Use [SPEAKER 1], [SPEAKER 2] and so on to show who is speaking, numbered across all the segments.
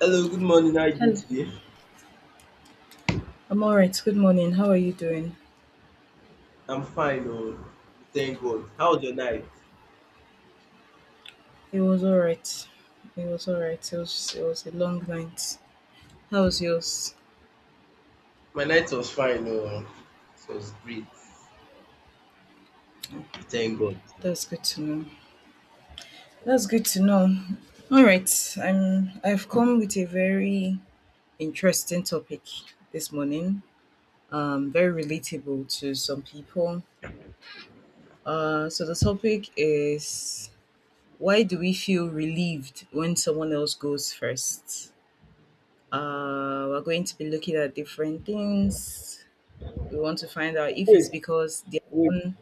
[SPEAKER 1] Hello, good morning. How are you doing
[SPEAKER 2] Hello.
[SPEAKER 1] today?
[SPEAKER 2] I'm alright. Good morning. How are you doing?
[SPEAKER 1] I'm fine, oh, thank God. How was your night?
[SPEAKER 2] It was alright. It was alright. It was a long night. How was yours?
[SPEAKER 1] My night was fine, oh, it was great. Thank God.
[SPEAKER 2] That's good to know. That's
[SPEAKER 1] Yes.
[SPEAKER 2] good to know. Alright. I've come with a very interesting topic this morning. Very relatable to some people. So the topic is, why do we feel relieved when someone else goes first? We're going to be looking at different things. We want to find out if it's
[SPEAKER 1] Wait,
[SPEAKER 2] because their
[SPEAKER 1] wait.
[SPEAKER 2] own.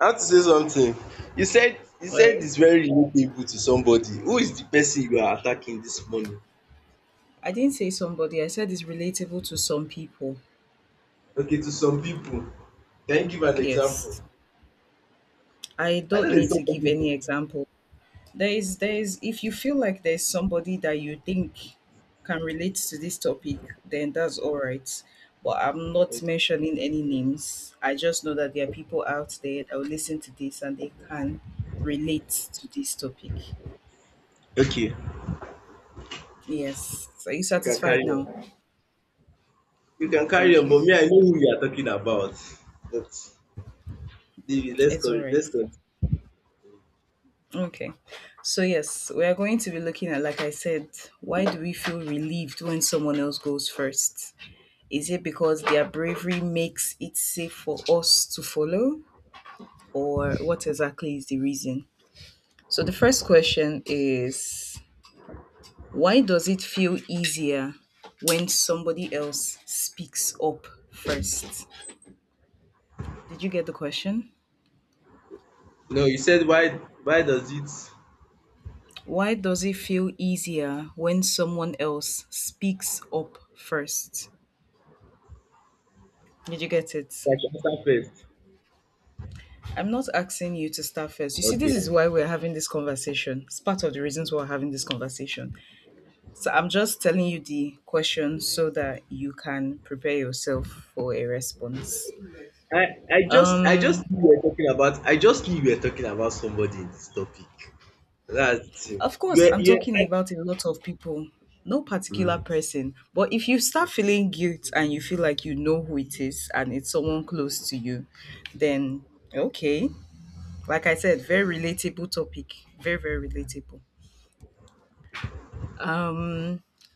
[SPEAKER 1] I have to say something. You said you
[SPEAKER 2] All
[SPEAKER 1] said
[SPEAKER 2] right.
[SPEAKER 1] it's very relatable to somebody. Who is the person you are attacking this morning?
[SPEAKER 2] I didn't say somebody. I said it's relatable to some people.
[SPEAKER 1] Okay, to some people. Can you give an example?
[SPEAKER 2] Yes. I
[SPEAKER 1] I
[SPEAKER 2] don't
[SPEAKER 1] know
[SPEAKER 2] need
[SPEAKER 1] there's some
[SPEAKER 2] to give any
[SPEAKER 1] people.
[SPEAKER 2] example. There is, there is. If you feel like there's somebody that you think can relate to this topic, then that's all right. But I'm not mentioning any names. I just know that there are people out there that will listen to this and they can relate to this topic.
[SPEAKER 1] Okay,
[SPEAKER 2] Yes. Are you
[SPEAKER 1] you can
[SPEAKER 2] satisfied
[SPEAKER 1] carry on.
[SPEAKER 2] now?
[SPEAKER 1] You can carry
[SPEAKER 2] Thank
[SPEAKER 1] on,
[SPEAKER 2] you.
[SPEAKER 1] but me, I know who you are talking about. But David, let's
[SPEAKER 2] It's
[SPEAKER 1] go.
[SPEAKER 2] all right.
[SPEAKER 1] Let's go.
[SPEAKER 2] Okay. So, yes, we are going to be looking at, like I said, why do we feel relieved when someone else goes first? Is it because their bravery makes it safe for us to follow, or what exactly is the reason? So, the first question is, why does it feel easier when somebody else speaks up first? Did you get the question?
[SPEAKER 1] No, you said why does it start
[SPEAKER 2] Why does it feel easier when someone else speaks up first? Did you get it?
[SPEAKER 1] answer first.
[SPEAKER 2] I'm not asking you to start first. You see, this is
[SPEAKER 1] Okay.
[SPEAKER 2] why we're having this conversation. It's part of the reasons why we're having this conversation. So I'm just telling you the question so that you can prepare yourself for a response.
[SPEAKER 1] I, I
[SPEAKER 2] Um,
[SPEAKER 1] just knew we were talking about I just knew we were talking about somebody in this topic. That's it.
[SPEAKER 2] of course, I'm talking about a lot of people, no particular
[SPEAKER 1] Mm.
[SPEAKER 2] person. But if you start feeling guilt and you feel like you know who it is and it's someone close to you, then okay. Like I said, very relatable topic. Very, very relatable.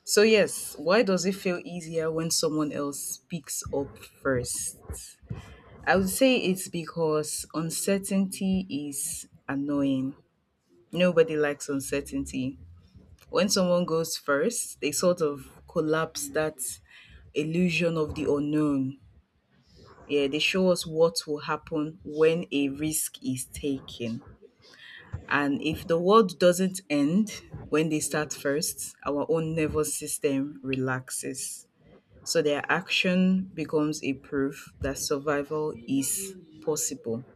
[SPEAKER 2] So, yes, why does it feel easier when someone else speaks up first? I would say it's because uncertainty is annoying. Nobody likes uncertainty. When someone goes first, they sort of collapse that illusion of the unknown. Yeah, they show us what will happen when a risk is taken. And if the world doesn't end when they start first, our own nervous system relaxes. So their action becomes a proof that survival is possible.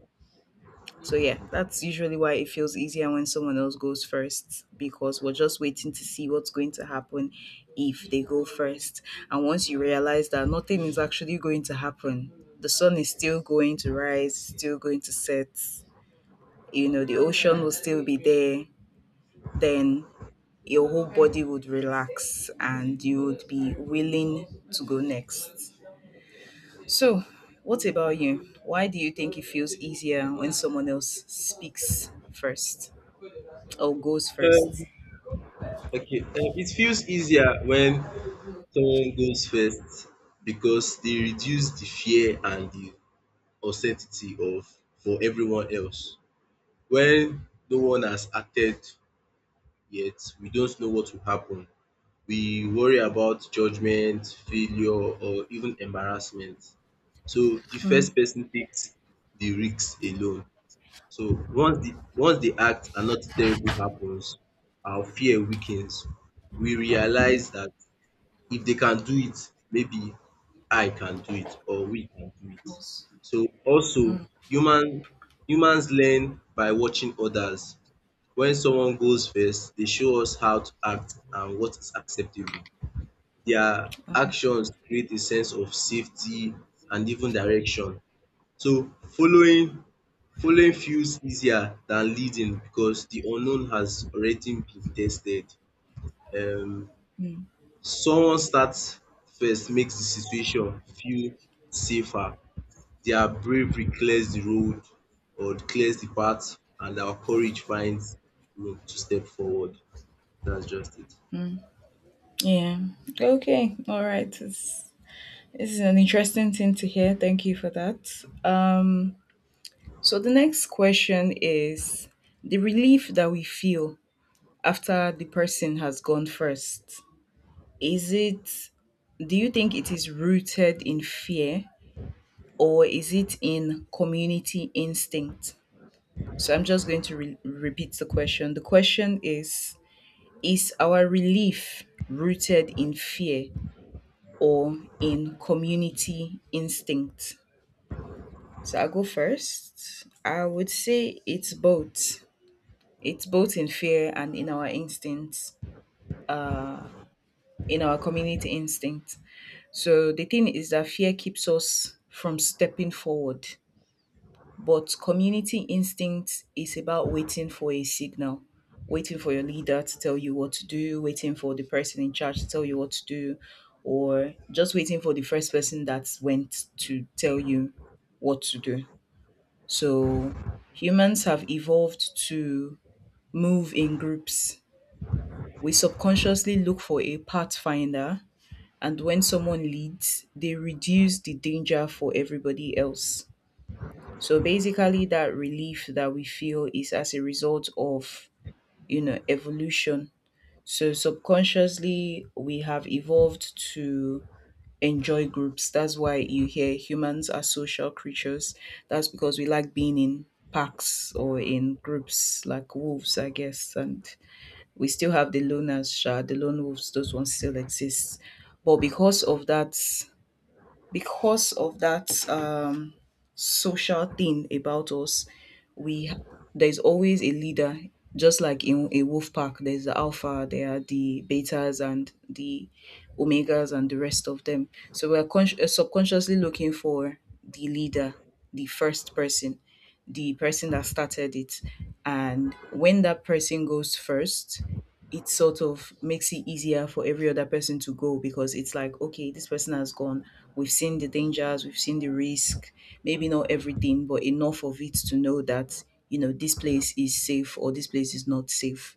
[SPEAKER 2] So yeah, that's usually why it feels easier when someone else goes first, because we're just waiting to see what's going to happen if they go first. And once you realize that nothing is actually going to happen, the sun is still going to rise, still going to set, you know, the ocean will still be there, then your whole body would relax and you would be willing to go next. So, what about you? Why do you think it feels easier when someone else speaks first or goes first?
[SPEAKER 1] Um, okay, it feels easier when someone goes first because they reduce the fear and the uncertainty of for everyone else. When no one has acted yet, we don't know what will happen. We worry about judgment, failure or even embarrassment. So the first person takes the risks alone. So once the act and not terrible happens, our fear weakens. We realize that if they can do it, maybe I can do it or we can do it. So also human humans learn by watching others. When someone goes first, they show us how to act and what is acceptable. Their actions create a sense of safety and even direction. So following feels easier than leading because the unknown has already been tested. Um Someone starts first makes the situation feel safer. Their bravery clears the road or clears the path and our courage finds room to step forward. That's just it.
[SPEAKER 2] Yeah. Okay. All right. This is an interesting thing to hear. Thank you for that. So, the next question is, the relief that we feel after the person has gone first. Is it, do you think it is rooted in fear or is it in community instinct? So I'm just going to repeat the question. The question is our relief rooted in fear or in community instinct? So I'll go first. I would say it's both. It's both in fear and in our instincts, in our community instinct. So the thing is that fear keeps us from stepping forward. But community instinct is about waiting for a signal, waiting for your leader to tell you what to do, waiting for the person in charge to tell you what to do, or just waiting for the first person that went to tell you what to do. So humans have evolved to move in groups. We subconsciously look for a pathfinder, and when someone leads, they reduce the danger for everybody else. So basically, that relief that we feel is as a result of, you know, evolution. So subconsciously, we have evolved to enjoy groups. That's why you hear humans are social creatures. That's because we like being in packs or in groups, like wolves, I guess. And we still have the loners, sha, the lone wolves, those ones still exist. But because of that social thing about us, we there's always a leader. Just like in a wolf pack, there's the alpha, there are the betas and the omegas and the rest of them. So we are subconsciously looking for the leader, the first person, the person that started it. And when that person goes first, it sort of makes it easier for every other person to go, because it's like, okay, this person has gone. We've seen the dangers, we've seen the risk, maybe not everything, but enough of it to know that, you know, this place is safe or this place is not safe.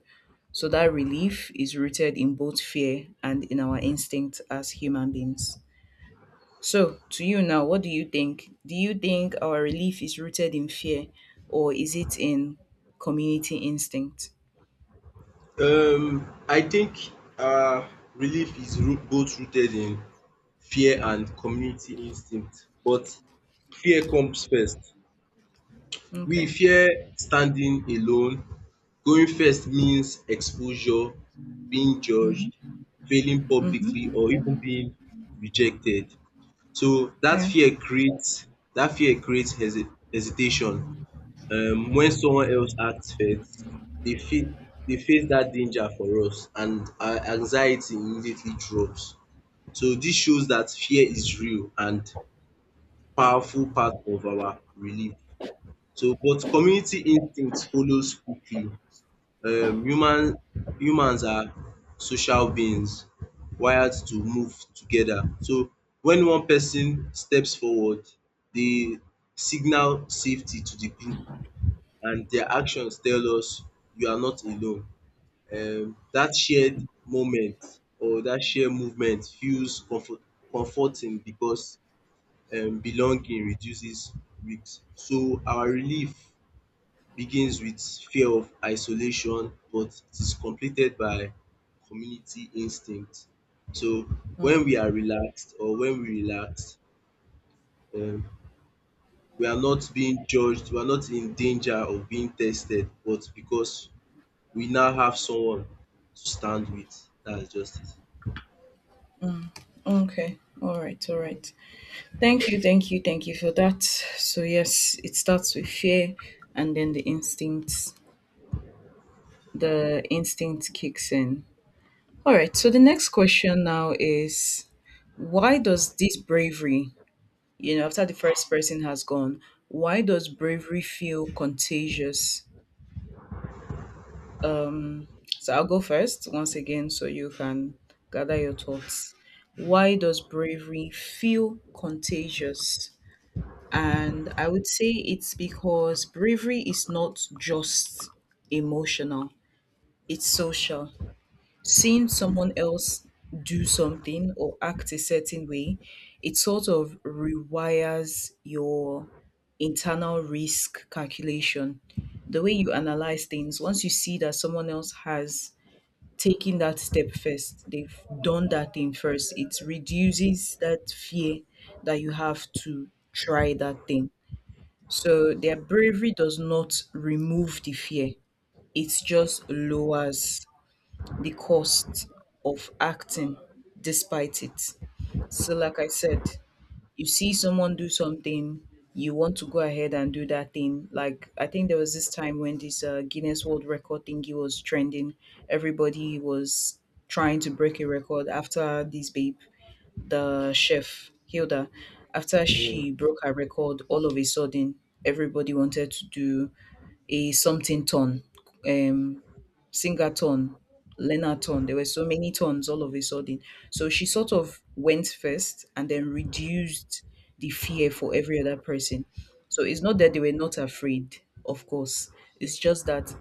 [SPEAKER 2] So that relief is rooted in both fear and in our instinct as human beings. So, to you now, what do you think? Do you think our relief is rooted in fear or is it in community instinct?
[SPEAKER 1] I think uh, relief is root, both rooted in fear and community instinct, but fear comes first. We
[SPEAKER 2] Okay.
[SPEAKER 1] fear standing alone. Going first means exposure, being judged,
[SPEAKER 2] Mm-hmm.
[SPEAKER 1] failing publicly,
[SPEAKER 2] Mm-hmm.
[SPEAKER 1] or even being rejected. So that
[SPEAKER 2] Yeah.
[SPEAKER 1] fear creates that fear creates hesi- hesitation when someone else acts first they face they face that danger for us and our anxiety immediately drops. So this shows that fear is real and powerful part of our relief. So but community instinct follows quickly. um human humans are social beings wired to move together. So when one person steps forward, they signal safety to the group and their actions tell us you are not alone. That shared moment or that shared movement feels comfort- comforting because belonging reduces risk. So our relief begins with fear of isolation, but it is completed by community instinct. So
[SPEAKER 2] Mm-hmm.
[SPEAKER 1] when we are relaxed or when we relax, um, we are not being judged, we are not in danger of being tested, but because we now have someone to stand with. That's just it.
[SPEAKER 2] Okay. All right. All right. Thank you. Thank you. Thank you for that. So yes, it starts with fear and then the instinct, the instinct kicks in. All right. So the next question now is, why does this bravery, you know, after the first person has gone, why does bravery feel contagious? So I'll go first once again so you can gather your thoughts. Why does bravery feel contagious? And I would say it's because bravery is not just emotional, it's social. Seeing someone else do something or act a certain way, it sort of rewires your internal risk calculation. The way you analyze things, once you see that someone else has taken that step first, they've done that thing first, it reduces that fear that you have to try that thing. So their bravery does not remove the fear, it just lowers the cost of acting despite it. So, like I said, you see someone do something, you want to go ahead and do that thing. Like, I think there was this time when this Guinness World Record thingy was trending, everybody was trying to break a record after this babe, the chef, Hilda, after she broke her record, all of a sudden, everybody wanted to do a something ton, um, singer ton, learner ton. There were so many tons all of a sudden. So she sort of went first and then reduced the fear for every other person. So it's not that they were not afraid, of course. It's just that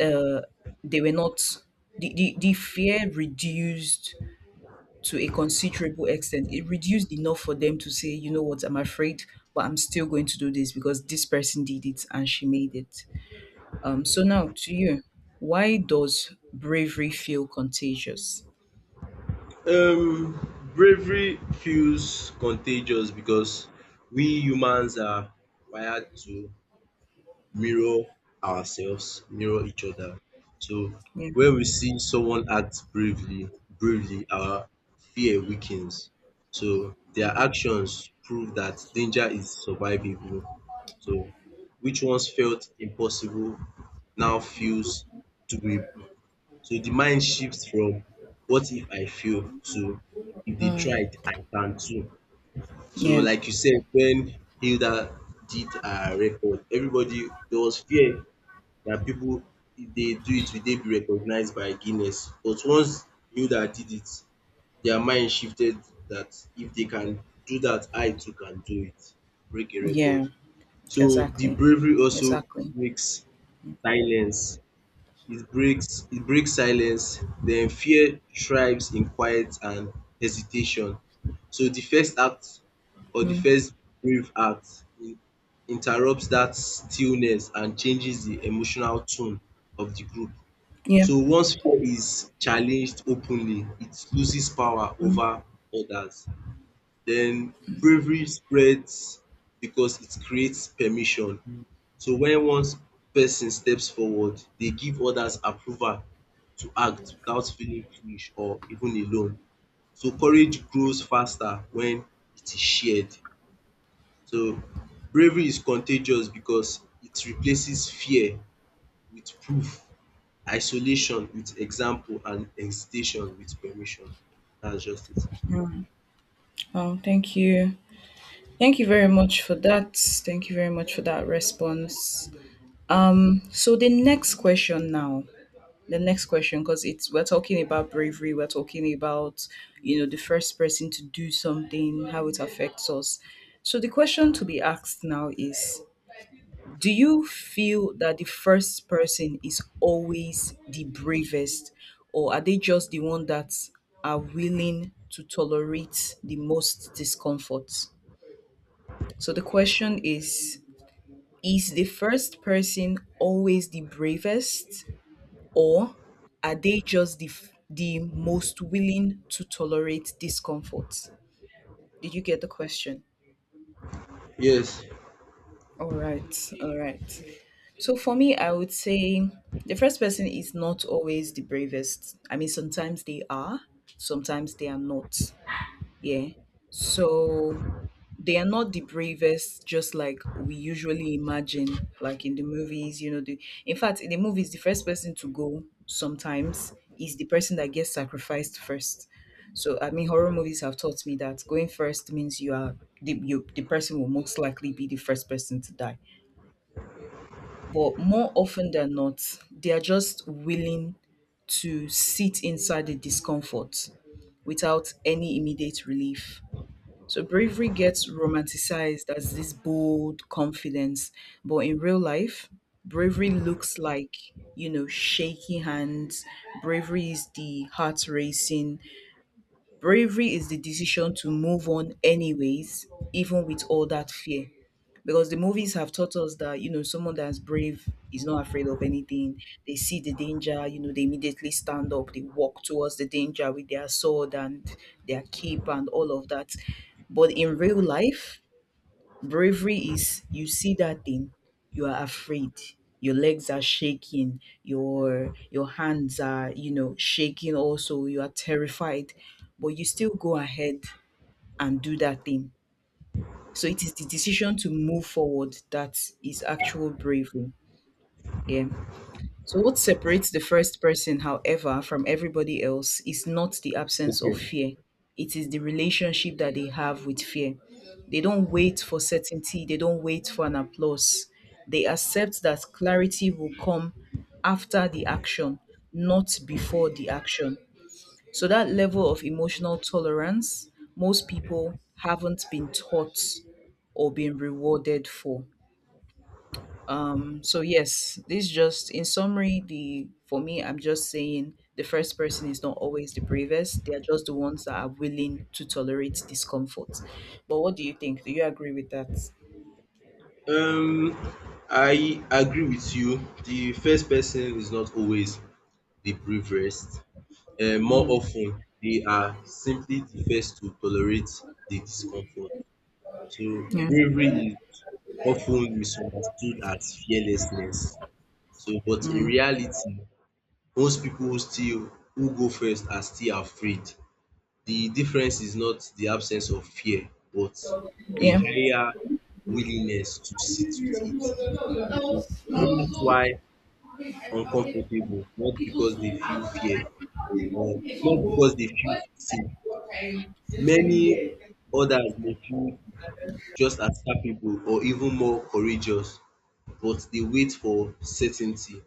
[SPEAKER 2] uh, they were not, the fear reduced to a considerable extent. It reduced enough for them to say, you know what, I'm afraid, but I'm still going to do this because this person did it and she made it. So now to you, why does bravery feel contagious?
[SPEAKER 1] Bravery feels contagious because we humans are wired to mirror ourselves, mirror each other. So
[SPEAKER 2] Yeah,
[SPEAKER 1] when we see someone act bravely, our fear weakens. So their actions prove that danger is survivable. So which once felt impossible now feels doable. So the mind shifts from what if I fail to if they tried, I can too. So
[SPEAKER 2] yeah,
[SPEAKER 1] like you said, when Hilda did her record, everybody there was fear that people if they do it, will they be recognized by Guinness? But once Hilda did it, their mind shifted that if they can do that, I too can do it. Break a record.
[SPEAKER 2] yeah,
[SPEAKER 1] So the
[SPEAKER 2] exactly,
[SPEAKER 1] bravery also
[SPEAKER 2] exactly.
[SPEAKER 1] makes silence it breaks silence, then fear thrives in quiet and hesitation. So the first act or the
[SPEAKER 2] Mm,
[SPEAKER 1] first brave act in- interrupts that stillness and changes the emotional tone of the group.
[SPEAKER 2] yeah.
[SPEAKER 1] So once fear is challenged openly, it loses power
[SPEAKER 2] Mm.
[SPEAKER 1] over others. Then bravery spreads because it creates permission. So when one person steps forward, they give others approval to act without feeling foolish or even alone. So courage grows faster when it is shared. So bravery is contagious because it replaces fear with proof, isolation with example, and hesitation with permission. That's just it.
[SPEAKER 2] Oh, thank you. Thank you very much for that. Thank you very much for that response. So the next question now, the next question, because it's, we're talking about bravery, we're talking about, you know, the first person to do something, how it affects us. So the question to be asked now is, do you feel that the first person is always the bravest, or are they just the one that are willing to tolerate the most discomfort? So the question is the first person always the bravest, or are they just the most willing to tolerate discomfort? Did you get the question?
[SPEAKER 1] Yes,
[SPEAKER 2] All right, all right. So for me, I would say the first person is not always the bravest. I mean, sometimes they are not. Yeah. So they are not the bravest, just like we usually imagine, like in the movies. You know, the, in fact, in the movies, the first person to go sometimes is the person that gets sacrificed first. So I mean, horror movies have taught me that going first means you are the, you, the person will most likely be the first person to die. But more often than not, they are just willing to sit inside the discomfort without any immediate relief. So bravery gets romanticized as this bold confidence, but in real life, bravery looks like, you know, shaking hands. Bravery is the heart racing, bravery is the decision to move on anyways, even with all that fear. Because the movies have taught us that, you know, someone that's brave is not afraid of anything. They see the danger, you know, they immediately stand up, they walk towards the danger with their sword and their cape and all of that. But in real life, bravery is: you see that thing, you are afraid. Your legs are shaking, your hands are shaking also, you are terrified, but you still go ahead and do that thing. So it is the decision to move forward that is actual bravery. Yeah. So, what separates the first person, however, from everybody else is not the absence of fear. It is the relationship that they have with fear. They don't wait for certainty, they don't wait for an applause. They accept that clarity will come after the action, not before the action. So, that level of emotional tolerance, most people haven't been taught or been rewarded for. So yes, this just in summary, the for me, I'm just saying the first person is not always the bravest. They are just the ones that are willing to tolerate discomfort. But what do you think? Do you agree with that?
[SPEAKER 1] um, I agree with you. The first person is not always the bravest. More
[SPEAKER 2] Mm,
[SPEAKER 1] often, they are simply the first to tolerate the discomfort. So
[SPEAKER 2] yeah.
[SPEAKER 1] bravery is often misunderstood as fearlessness. So but in
[SPEAKER 2] Mm,
[SPEAKER 1] reality most people who go first are still afraid. The difference is not the absence of fear but a
[SPEAKER 2] yeah.
[SPEAKER 1] higher willingness to sit with it. So that's why uncomfortable not because they feel fear or not because they feel safe. Many others may feel just as capable or even more courageous, but they wait for certainty.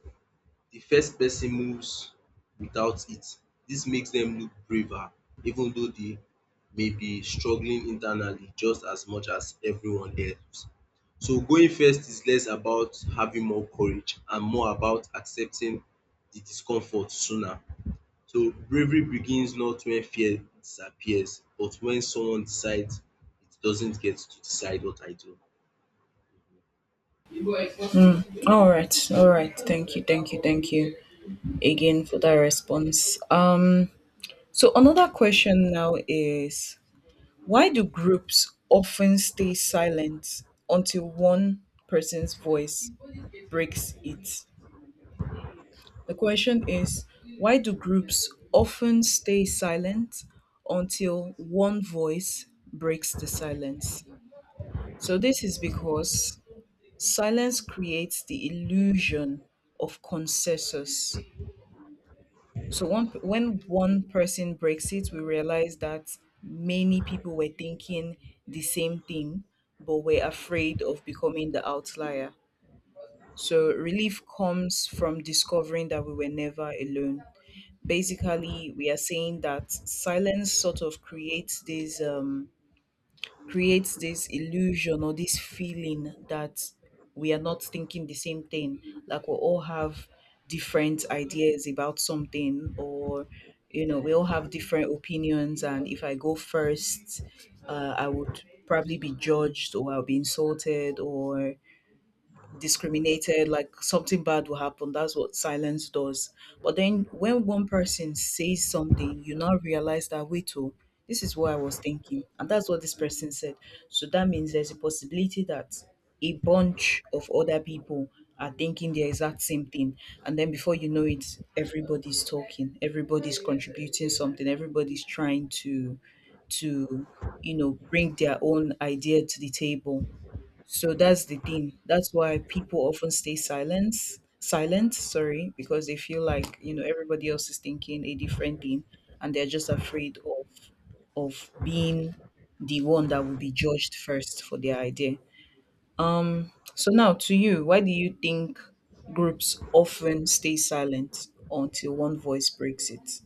[SPEAKER 1] The first person moves without it. This makes them look braver, even though they may be struggling internally just as much as everyone else. So going first is less about having more courage and more about accepting the discomfort sooner. So bravery begins not when fear disappears, but when someone decides it doesn't get to decide what I do.
[SPEAKER 2] All right. All right. Thank you. Thank you. Thank you again for that response. So another question now is, why do groups often stay silent until one person's voice breaks it? The question is, why do groups often stay silent until one voice breaks the silence? So, this is because silence creates the illusion of consensus. So, one, when one person breaks it, we realize that many people were thinking the same thing but were afraid of becoming the outlier. So, relief comes from discovering that we were never alone. Basically, we are saying that silence sort of creates this illusion or this feeling that we are not thinking the same thing, like we all have different ideas about something, or we all have different opinions, and if I go first, I would probably be judged, or I'll be insulted, or discriminated, like something bad will happen. That's what silence does. But then when one person says something, you now realize that, wait, oh, this is what I was thinking. And that's what this person said. So that means there's a possibility that a bunch of other people are thinking the exact same thing. And then before you know it, everybody's talking, everybody's contributing something, everybody's trying to bring their own idea to the table. So that's the thing. That's why people often stay silent, sorry, because they feel like, everybody else is thinking a different thing, and they're just afraid of being the one that will be judged first for their idea. So now to you, why do you think groups often stay silent until one voice breaks it?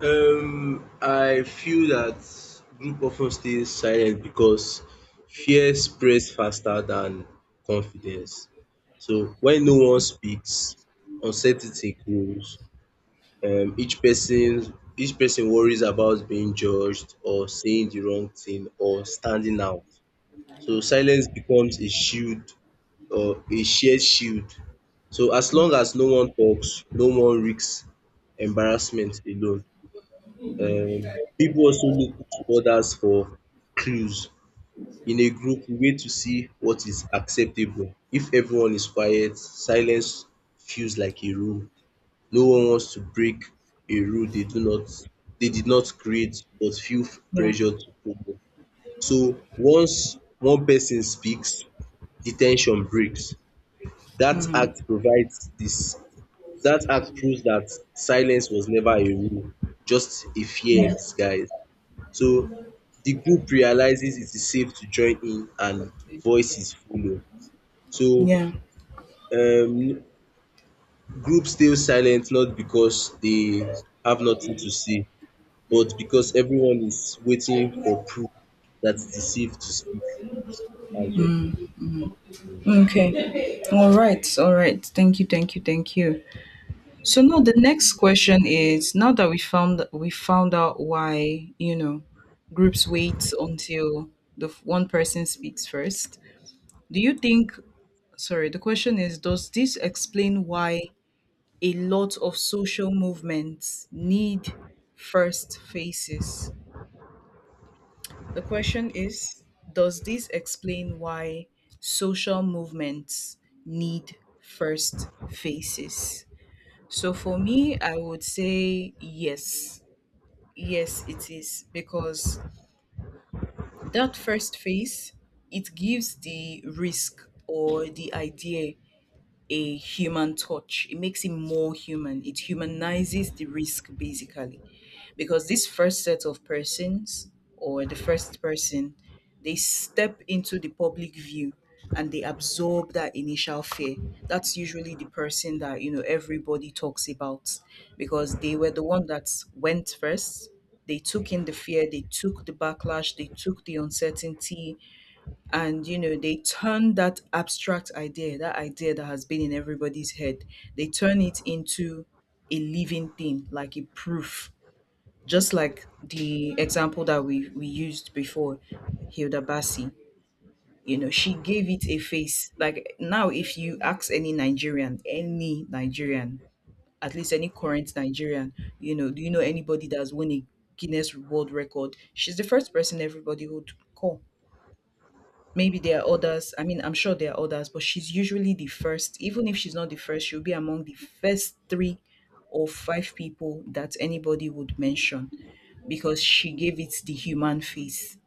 [SPEAKER 1] I feel that group often stays silent because fear spreads faster than confidence. So when no one speaks, uncertainty grows. Each person worries about being judged or saying the wrong thing or standing out. So silence becomes a shield or a shared shield. So as long as no one talks, no one risks embarrassment alone. People also look to others for clues. In a group, we wait to see what is acceptable. If everyone is quiet, silence feels like a rule. No one wants to break a rule they did not create but feel
[SPEAKER 2] Yeah.
[SPEAKER 1] pressure to follow. So once one person speaks, the ten sion breaks. That
[SPEAKER 2] Mm,
[SPEAKER 1] act provides this that act proves that silence was never a rule, just a fear in
[SPEAKER 2] yeah.
[SPEAKER 1] disguise. So the group realizes it is safe to join in and voices follow. So
[SPEAKER 2] Yeah.
[SPEAKER 1] um group stays silent not because they have nothing to say, but because everyone is waiting for proof that it is safe to speak as well.
[SPEAKER 2] Okay. All right. All right. Thank you. Thank you. Thank you. So now the next question is, now that we found out why, groups wait until one person speaks first. Do you think, sorry, the question is, does this explain why a lot of social movements need first faces? The question is, does this explain why social movements need first faces? So for me, I would say yes. Yes, it is because that first phase, it gives the risk or the idea a human touch. It makes it more human. It humanizes the risk basically. Because this first set of persons, or the first person, they step into the public view and they absorb that initial fear. That's usually the person that, everybody talks about, because they were the one that went first. They took in the fear, they took the backlash, they took the uncertainty, and they turn that abstract idea, that idea that has been in everybody's head, they turn it into a living thing, like a proof, just like the example that we used before. Hilda Bassi, she gave it a face. Like, now if you ask any Nigerian, any Nigerian, at least any current Nigerian, do you know anybody that's won a Guinness World Record? She's the first person everybody would call. Maybe there are others. I mean, I'm sure there are others, but she's usually the first. Even if she's not the first, she'll be among the first three or five people that anybody would mention, because she gave it the human face,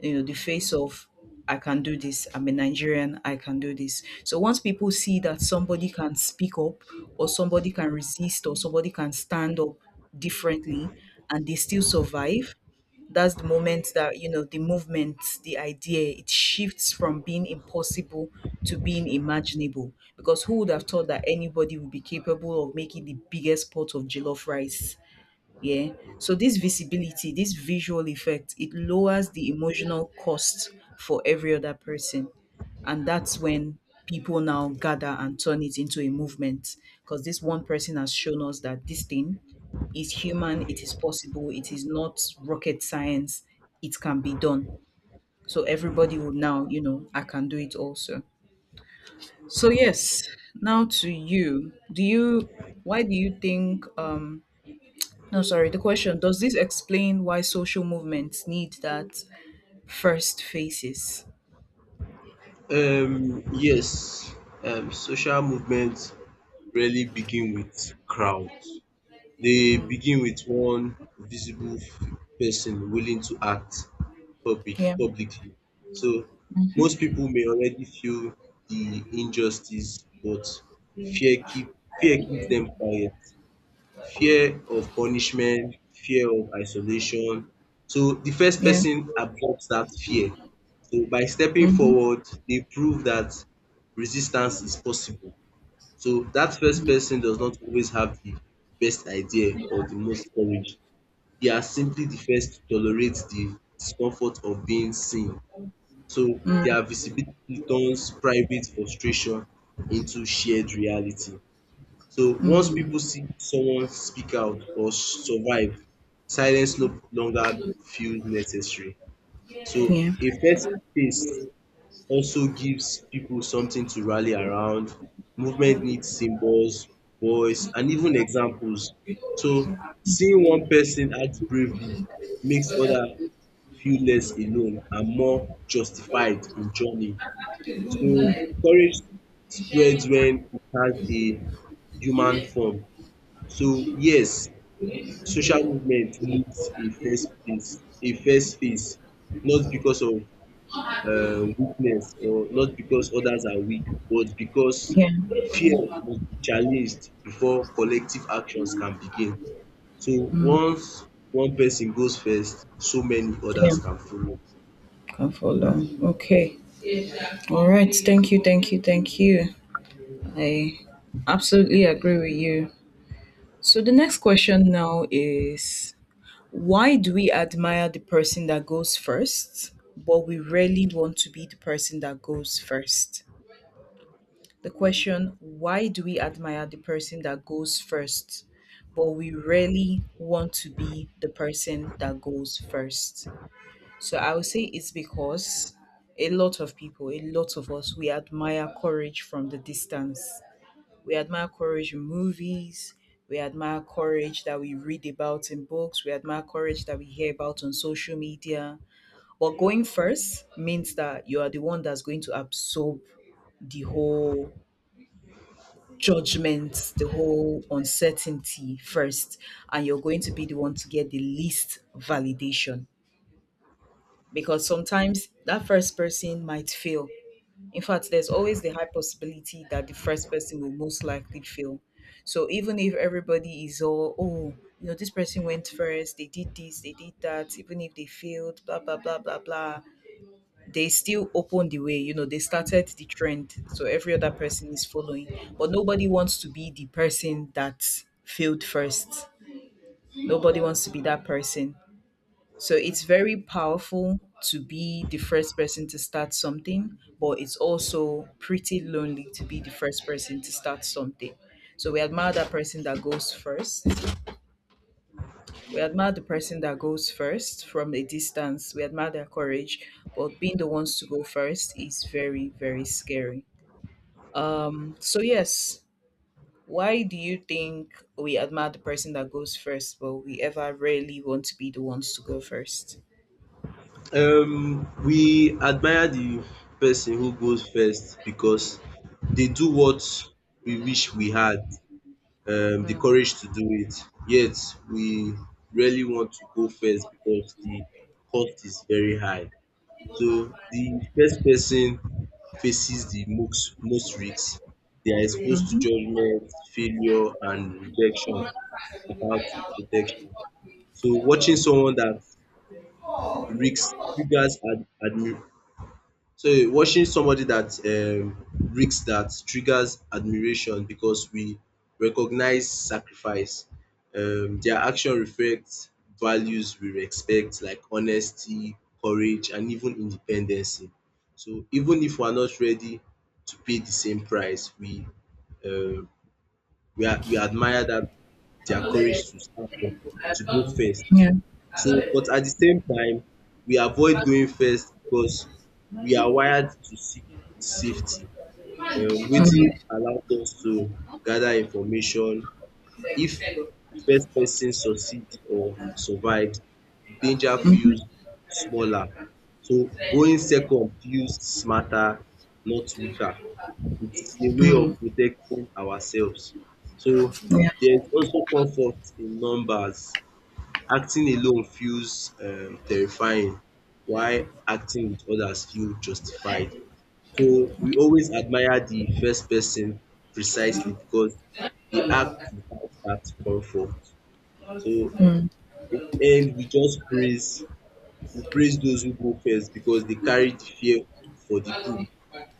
[SPEAKER 2] the face of, I can do this, I'm a Nigerian, I can do this. So once people see that somebody can speak up, or somebody can resist, or somebody can stand up differently, and they still survive, that's the moment that, the movement, the idea, it shifts from being impossible to being imaginable, because who would have thought that anybody would be capable of making the biggest pot of jollof rice? Yeah. So this visibility, this visual effect, it lowers the emotional cost for every other person. And that's when people now gather and turn it into a movement, because this one person has shown us that this thing is human, it is possible, it is not rocket science, it can be done. So everybody will now, I can do it also. So yes, now to you. Do you Why do you think no, sorry. The question, does this explain why social movements need that first phases?
[SPEAKER 1] Yes, social movements rarely begin with crowds. They
[SPEAKER 2] Mm.
[SPEAKER 1] begin with one visible f- person willing to act public
[SPEAKER 2] Yeah.
[SPEAKER 1] publicly. So most people may already feel the injustice, but fear keep fear keeps them quiet. Fear of punishment, fear of isolation. So the first
[SPEAKER 2] Yeah.
[SPEAKER 1] person absorbs that fear. So by stepping
[SPEAKER 2] Mm-hmm.
[SPEAKER 1] forward, they prove that resistance is possible. So dat first person does not always have the best idea or the most courage. They are simply the first to tolerate the discomfort of being seen. So their visibility turns private frustration into shared reality. So once
[SPEAKER 2] Mm.
[SPEAKER 1] pipu see someone speak out or survive, silence no longer feels necessary. So
[SPEAKER 2] Yeah.
[SPEAKER 1] a first space also gives people something to rally around. Movement needs symbols, voice, and even examples. So seeing one person act bravely makes other feel less alone and more justified in journey. So courage spreads when it has a human form. So yes, social movement needs a first place, a first face, not because of weakness or not because others are weak but because
[SPEAKER 2] Yeah.
[SPEAKER 1] fear must be challenged before collective actions can begin. So
[SPEAKER 2] Mm.
[SPEAKER 1] once one person goes first, so many
[SPEAKER 2] Yeah.
[SPEAKER 1] others can follow.
[SPEAKER 2] Can follow.
[SPEAKER 1] And,
[SPEAKER 2] Okay. All right. Thank you. Thank you. Thank you. I absolutely agree with you. So the next question now is, why do we admire the person that goes first, but we rarely want to be the person that goes first? The question, why do we admire the person that goes first, but we rarely want to be the person that goes first? So I would say it's because a lot of people, a lot of us, we admire courage from the distance. We admire courage in movies. We admire courage that we read about in books. We admire courage that we hear about on social media. But going first means that you are the one that's going to absorb the whole judgment, the whole uncertainty first, and you're going to be the one to get the least validation. Because sometimes that first person might fail. In fact, there's always the high possibility that the first person will most likely fail. So even if everybody is all, oh, this person went first, they did this, they did that, even if they failed, blah, blah, blah, blah, blah, they still opened the way, they started the trend, so every other person is following. But nobody wants to be the person that failed first. Nobody wants to be that person. So it's very powerful to be the first person to start something, but it's also pretty lonely to be the first person to start something. So we admire that person that goes first. We admire the person that goes first from a distance. We admire their courage, but being the ones to go first is very, very scary. So yes, why do you think we admire the person that goes first, but we ever rarely want to be the ones to go first?
[SPEAKER 1] um, we admire the person who goes first because they do what we wish we had the
[SPEAKER 2] Hmm.
[SPEAKER 1] courage to do it. Yet we really want to go first because the cost is very high. So the first person faces the most risks. They are exposed to
[SPEAKER 2] Mhm.
[SPEAKER 1] judgment, failure and rejection without protection. So risks triggers ad admi watching somebody that risk that triggers admiration because we recognize sacrifice. Their action reflects values we respect like honesty, courage and even independency. So even if we are not ready to pay the same price, um we admire that their courage to stand up, to go first.
[SPEAKER 2] Yeah.
[SPEAKER 1] So, but at the same time, we avoid going first because we are wired to seek safety. Waiting
[SPEAKER 2] Mm,
[SPEAKER 1] allows us to gather information. If the first person succeed or survives, the danger feels smaller. So going second feels smarter, not weaker. It's a way
[SPEAKER 2] mm,
[SPEAKER 1] of protecting ourselves. So
[SPEAKER 2] yeah.
[SPEAKER 1] there's also comfort in numbers. Acting alone feels terrifying while acting with others feel justified. So we always admire the first person precisely because they act without that comfort. So
[SPEAKER 2] Hmm.
[SPEAKER 1] in the end we praise those who go first because they carry the fear for the group.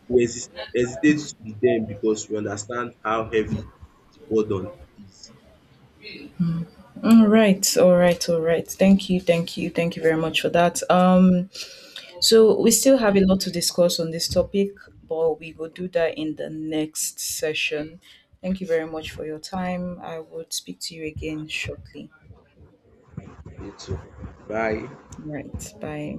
[SPEAKER 1] We hesi- hesitate to be them because we understand how heavy the burden is.
[SPEAKER 2] All right, all right, all right. Thank you, thank you, thank you very much for that. So we still have a lot to discuss on this topic, but we will do that in the next session. Thank you very much for your time. I would speak to you again shortly.
[SPEAKER 1] Okay, so bye.
[SPEAKER 2] All right, bye.